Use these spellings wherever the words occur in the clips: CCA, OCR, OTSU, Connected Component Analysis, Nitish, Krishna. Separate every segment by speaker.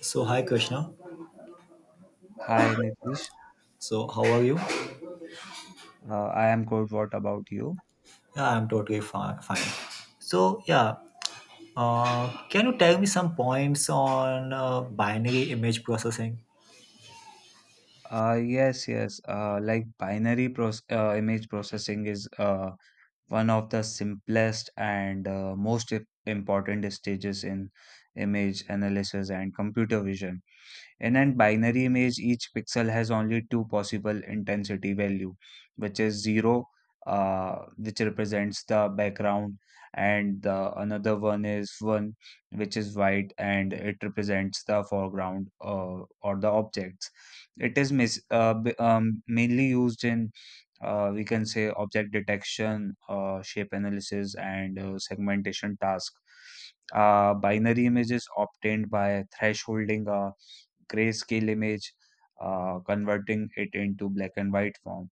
Speaker 1: So hi Krishna.
Speaker 2: Hi Nitish,
Speaker 1: So how are you?
Speaker 2: I am good. What about you?
Speaker 1: Yeah, I'm totally fine. So yeah, can you tell me some points on binary image processing?
Speaker 2: Yes. Like binary proce Image processing is one of the simplest and most important stages in image analysis and computer vision. In an binary image, each pixel has only two possible intensity value, which is zero, which represents the background, and the another one is one, which is white, and it represents the foreground or the objects. It is mainly used in we can say object detection, shape analysis, and segmentation task. Binary images obtained by thresholding a grayscale image, converting it into black and white form.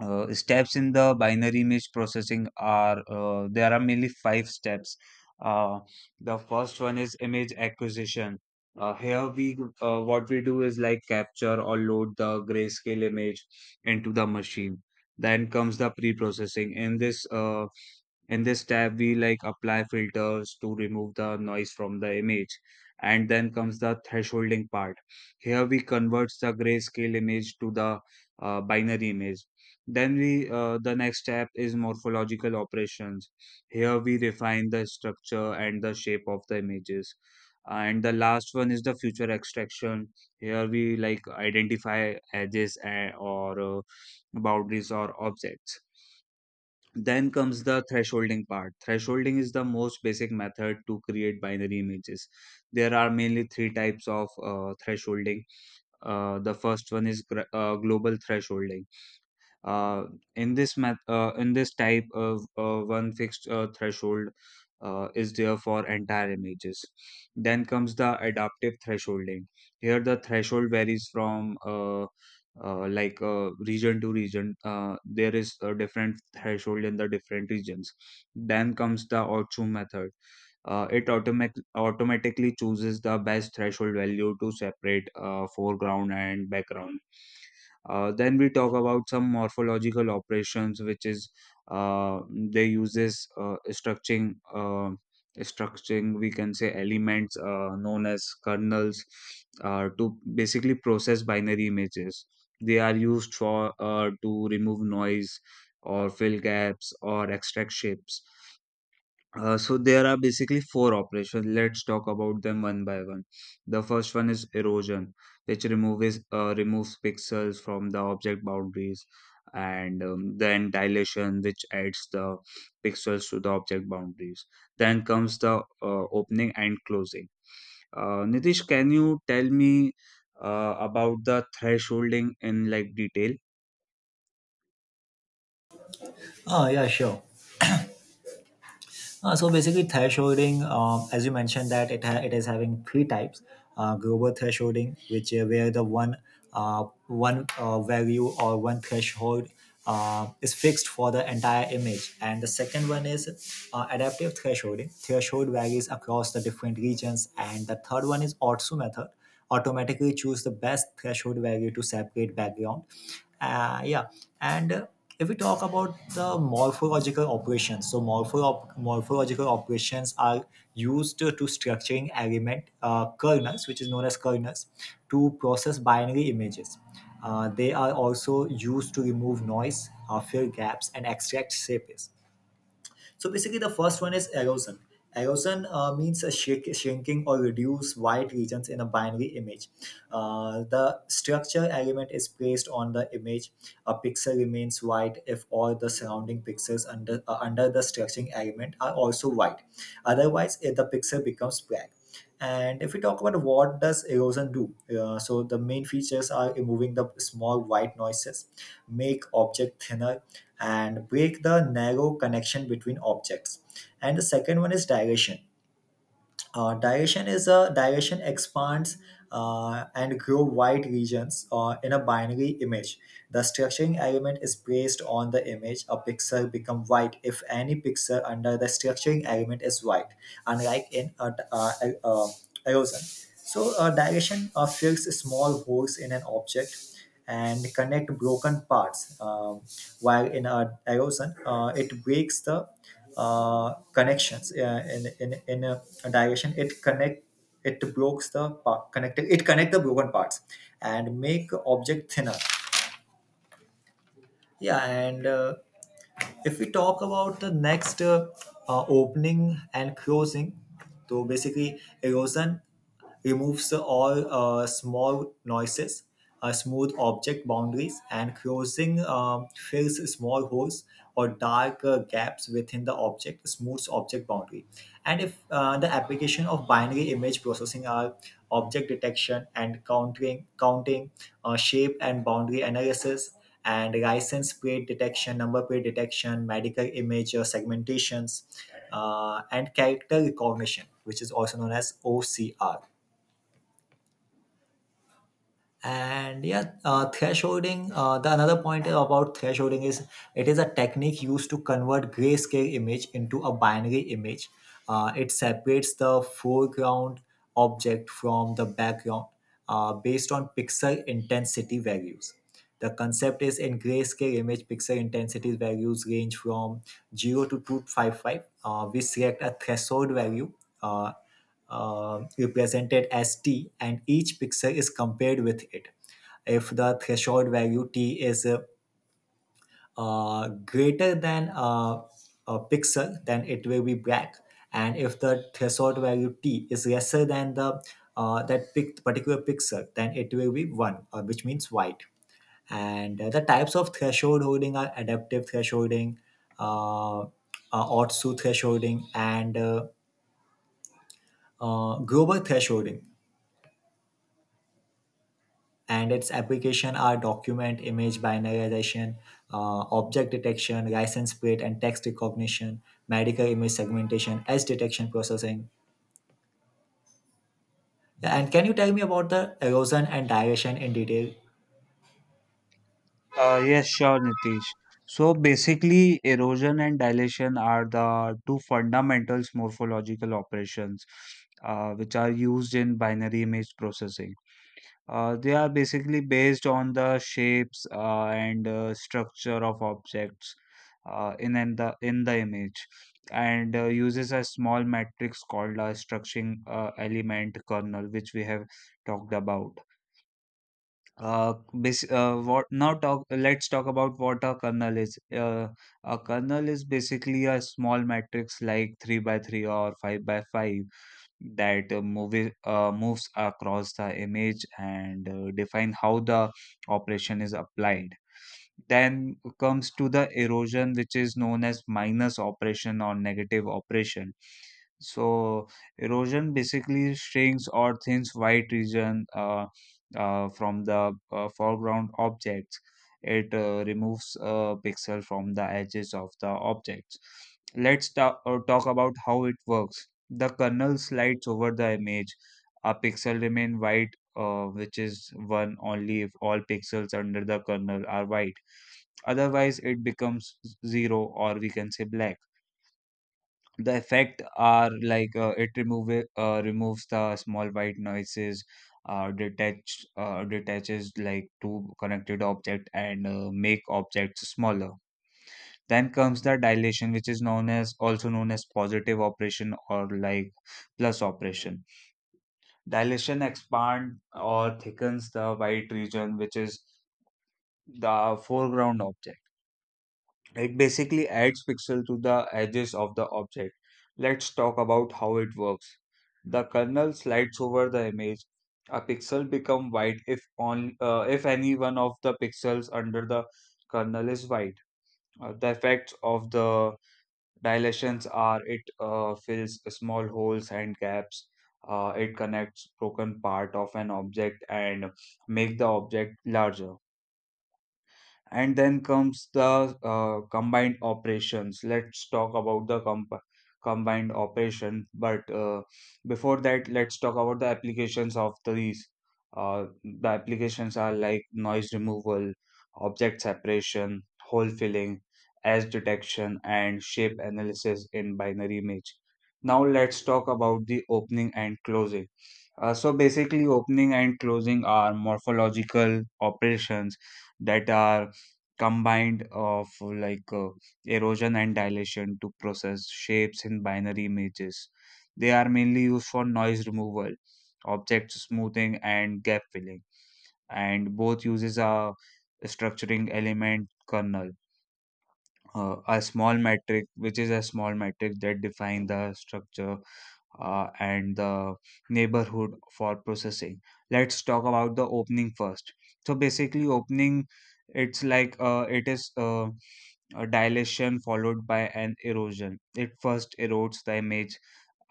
Speaker 2: Steps in the binary image processing are there are mainly five steps. Uh, the first one is image acquisition. Here we what we do is like capture or load the grayscale image into the machine. Then comes the pre-processing. In this tab, we like apply filters to remove the noise from the image. And then comes the thresholding part. Here we convert the grayscale image to the binary image. The next step is morphological operations. Here we refine the structure and the shape of the images. And the last one is the future extraction. Here we like identify edges or boundaries or objects. Then comes the thresholding part. Thresholding is the most basic method to create binary images. There are mainly three types of thresholding. The first one is global thresholding. uh, in this type of one fixed threshold is there for entire images. Then comes the adaptive thresholding. Here the threshold varies from region to region. There is a different threshold in the different regions. Then comes the Orchard method. It automatically chooses the best threshold value to separate foreground and background. Then we talk about some morphological operations, which is uh, they uses structuring, structuring, we can say, elements known as kernels, to basically process binary images. They are used for to remove noise or fill gaps or extract shapes. So there are basically four operations. Let's talk about them one by one. The first one is erosion, which removes pixels from the object boundaries, and then dilation, which adds the pixels to the object boundaries. Then comes the opening and closing. Nitish, can you tell me about the thresholding in like detail?
Speaker 1: Oh yeah, sure. So basically, thresholding, as you mentioned, that it is having three types: global thresholding, which where the one value or one threshold is fixed for the entire image, and the second one is adaptive thresholding. Threshold varies across the different regions, and the third one is OTSU method. Automatically choose the best threshold value to separate background. Yeah, and if we talk about the morphological operations, so morphological operations are used to structuring element kernels, which is known as kernels, to process binary images. They are also used to remove noise, fill gaps, and extract shapes. So basically, the first one is erosion. Erosion means a shake, shrinking or reduce white regions in a binary image. The structure element is placed on the image. A pixel remains white if all the surrounding pixels under the structuring element are also white. Otherwise, the pixel becomes black. And if we talk about what does erosion do, so the main features are removing the small white noises, make object thinner, and break the narrow connection between objects. And the second one is digression. Uh, digression is a digression expands and grow wide regions in a binary image. The structuring element is based on the image. A pixel become white if any pixel under the structuring element is white, unlike in a, uh erosion. So digression fills small holes in an object and connect broken parts. While in a erosion, it breaks the connections in a direction. It breaks the part connected. It connect the broken parts and make object thinner. Yeah, and if we talk about the next opening and closing, so basically, erosion removes all small noises, smooth object boundaries, and closing fills small holes or dark gaps within the object, smooths object boundary. And if the application of binary image processing are object detection and counting, shape and boundary analysis, and license plate detection, number plate detection, medical image segmentations, and character recognition, which is also known as OCR. And yeah, thresholding, the another point about thresholding is it is a technique used to convert grayscale image into a binary image. It separates the foreground object from the background based on pixel intensity values. The concept is, in grayscale image, pixel intensity values range from 0 to 255. We select a threshold value, uh, represented as t, and each pixel is compared with it. If the threshold value t is greater than a pixel, then it will be black. And if the threshold value t is lesser than the that particular pixel, then it will be one, which means white. And the types of threshold holding are adaptive thresholding, uh, uh, Otsu thresholding, and global thresholding. And its application are document image binarization, object detection, license plate and text recognition, medical image segmentation, edge detection processing. Yeah, and can you tell me about the erosion and dilation in detail?
Speaker 2: Yes, sure, Nitish. So basically, erosion and dilation are the two fundamental morphological operations which are used in binary image processing. They are basically based on the shapes and structure of objects in the image, and uses a small matrix called a structuring element kernel, which we have talked about. Bas- what now talk Let's talk about what a kernel is. A kernel is basically a small matrix like 3 by 3 or 5 by 5 that movie moves across the image and define how the operation is applied. Then comes to the erosion, which is known as minus operation or negative operation. So erosion basically shrinks or thins white region, from the foreground objects. It removes a pixel from the edges of the objects. Let's talk about how it works. The kernel slides over the image. A pixel remain white, which is one only if all pixels under the kernel are white. Otherwise, it becomes zero, or we can say black. The effect are like it removes the small white noises, detaches like two connected object and make objects smaller. Then comes the dilation, which is known as also known as positive operation or like plus operation. Dilation expands or thickens the white region, which is the foreground object. It basically adds pixel to the edges of the object. Let's talk about how it works. The kernel slides over the image. A pixel become white if on if any one of the pixels under the kernel is white. The effects of the dilations are it fills small holes and gaps. It connects broken part of an object and make the object larger. And then comes the combined operations. Let's talk about the comp combined operation. But before that, let's talk about the applications of these. The applications are like noise removal, object separation, hole filling, edge detection, and shape analysis in binary image. Now let's talk about the opening and closing. So basically, opening and closing are morphological operations that are combined of like erosion and dilation to process shapes in binary images. They are mainly used for noise removal, object smoothing, and gap filling. And both uses a structuring element kernel, a small metric, which is a small metric that define the structure and the neighborhood for processing. Let's talk about the opening first. So basically, opening it's like it is. A dilation followed by an erosion. It first erodes the image,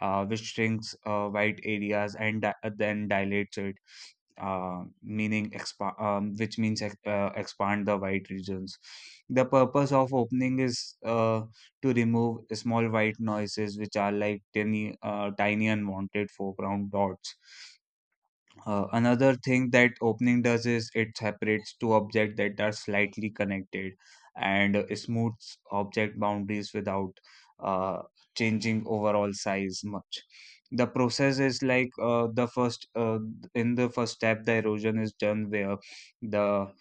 Speaker 2: which shrinks white areas and then dilates it, meaning expa- which means ex- expand the white regions. The purpose of opening is to remove small white noises, which are like tiny, tiny unwanted foreground dots. Another thing that opening does is it separates two objects that are slightly connected and smooths object boundaries without uh, changing overall size much. The process is like the first in the first step, the erosion is done where the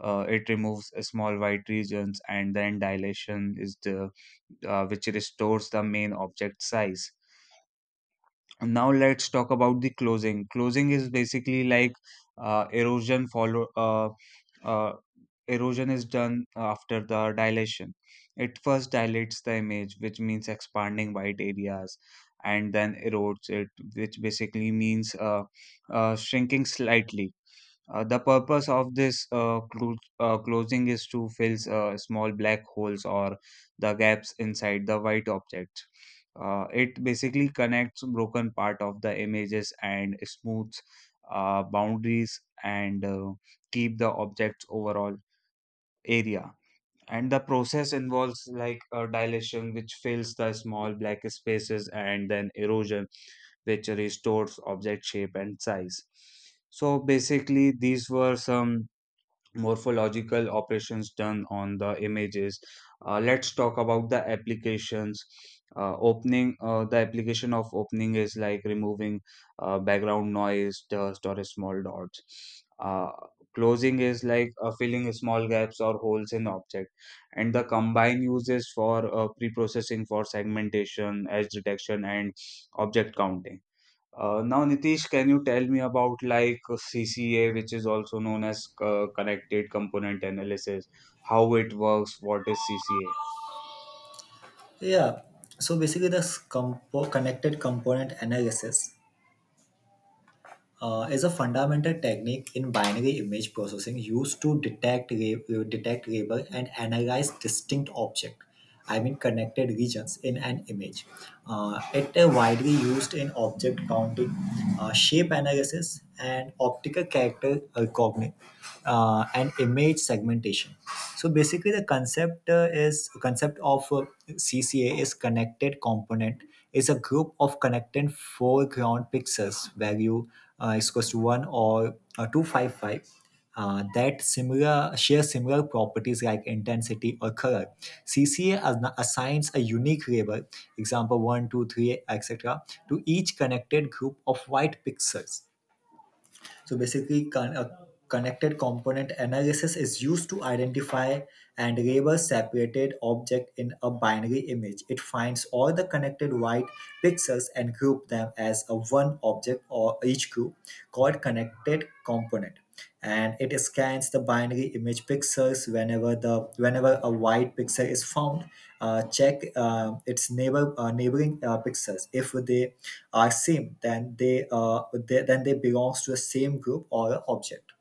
Speaker 2: it removes a small white regions and then dilation is the which restores the main object size. Now let's talk about the closing. Closing is basically like uh, erosion follow uh, uh, erosion is done after the dilation. It first dilates the image, which means expanding white areas, and then erodes it, which basically means shrinking slightly. The purpose of this closing is to fill small black holes or the gaps inside the white object. It basically connects broken part of the images and smooths boundaries and keep the object's overall area. And the process involves like a dilation, which fills the small black spaces, and then erosion, which restores object shape and size. So basically, these were some morphological operations done on the images. Let's talk about the applications. Opening, the application of opening is like removing background noise, dust, or small dots. Closing is like filling small gaps or holes in object, and the combine uses for pre-processing for segmentation, edge detection, and object counting. Now, Nitish, can you tell me about like CCA, which is also known as Connected Component Analysis, how it works, what is CCA?
Speaker 1: Yeah, so basically, the connected component analysis is a fundamental technique in binary image processing used to detect labor and analyze distinct object, I mean connected regions in an image. It is widely used in object counting, shape analysis, and optical character recognition, and image segmentation. So basically, the concept is concept of cca is connected component, is a group of connected foreground pixels value, is equals to 1 or 255, that similar share similar properties like intensity or color. CCA assigns a unique label, example 1, 2, 3 2, 3, etc., to each connected group of white pixels. So basically, a connected component analysis is used to identify and label separated object in a binary image. It finds all the connected white pixels and group them as a one object, or each group called connected component. And it scans the binary image pixels whenever a white pixel is found, check its neighboring pixels. If they are same, then they belongs to the same group or object.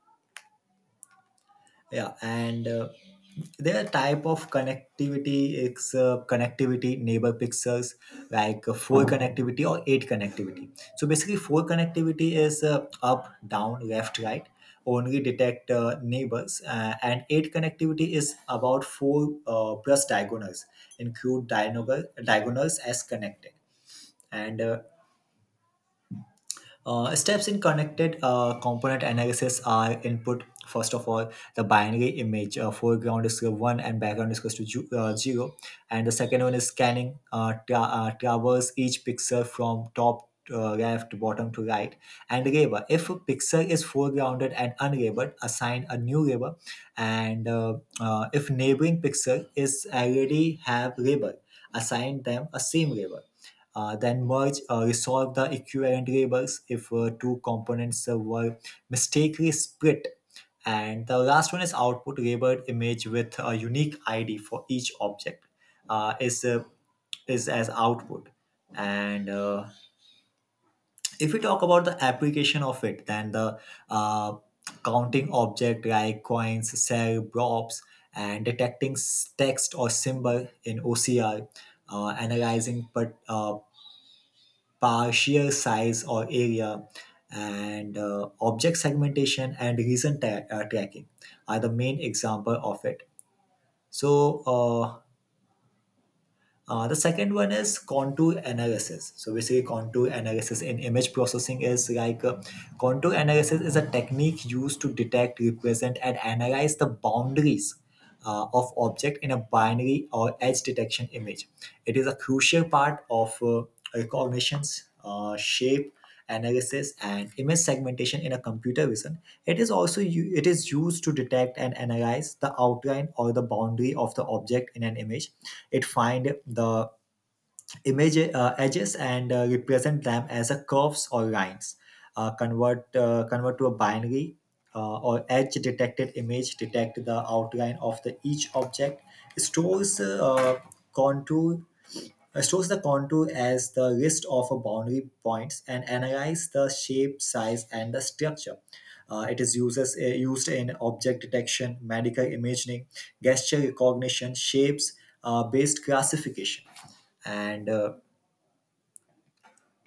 Speaker 1: Yeah, and their type of connectivity is connectivity neighbor pixels, like four connectivity or eight connectivity. So basically, four connectivity is up, down, left, right. Only detect neighbors, and eight connectivity is about four plus diagonals, include diagonals as connected. And steps in connected component analysis are input. First of all, the binary image, foreground is to one and background is equals to zero. And the second one is scanning, traverse each pixel from top left to bottom to right, and label. If a pixel is foregrounded and unlabeled, assign a new label. And if neighboring pixel is already have label, assign them a same label. Then merge, resolve the equivalent labels if two components were mistakenly split. And the last one is output labeled image with a unique ID for each object, uh, is uh, is as output. And if we talk about the application of it, then the uh, counting object like coins, cell, blobs, and detecting text or symbol in OCR, analyzing but par sheer size or area, and object segmentation and reason tracking are the main example of it. So the second one is contour analysis. So basically, contour analysis in image processing is like, contour analysis is a technique used to detect represent and analyze the boundaries of object in a binary or edge detection image. It is a crucial part of recognitions, shape analysis and image segmentation in a computer vision. It is also u- it is used to detect and analyze the outline or the boundary of the object in an image. It find the image edges, and represent them as a curves or lines. Convert to a binary or edge detected image, detect the outline of the each object. Stores uh, contour uh, stores the contour as the list of boundary points and analyze the shape, size, and the structure. It is used in object detection, medical imaging, gesture recognition, shapes based classification. And uh,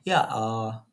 Speaker 1: yeah, uh,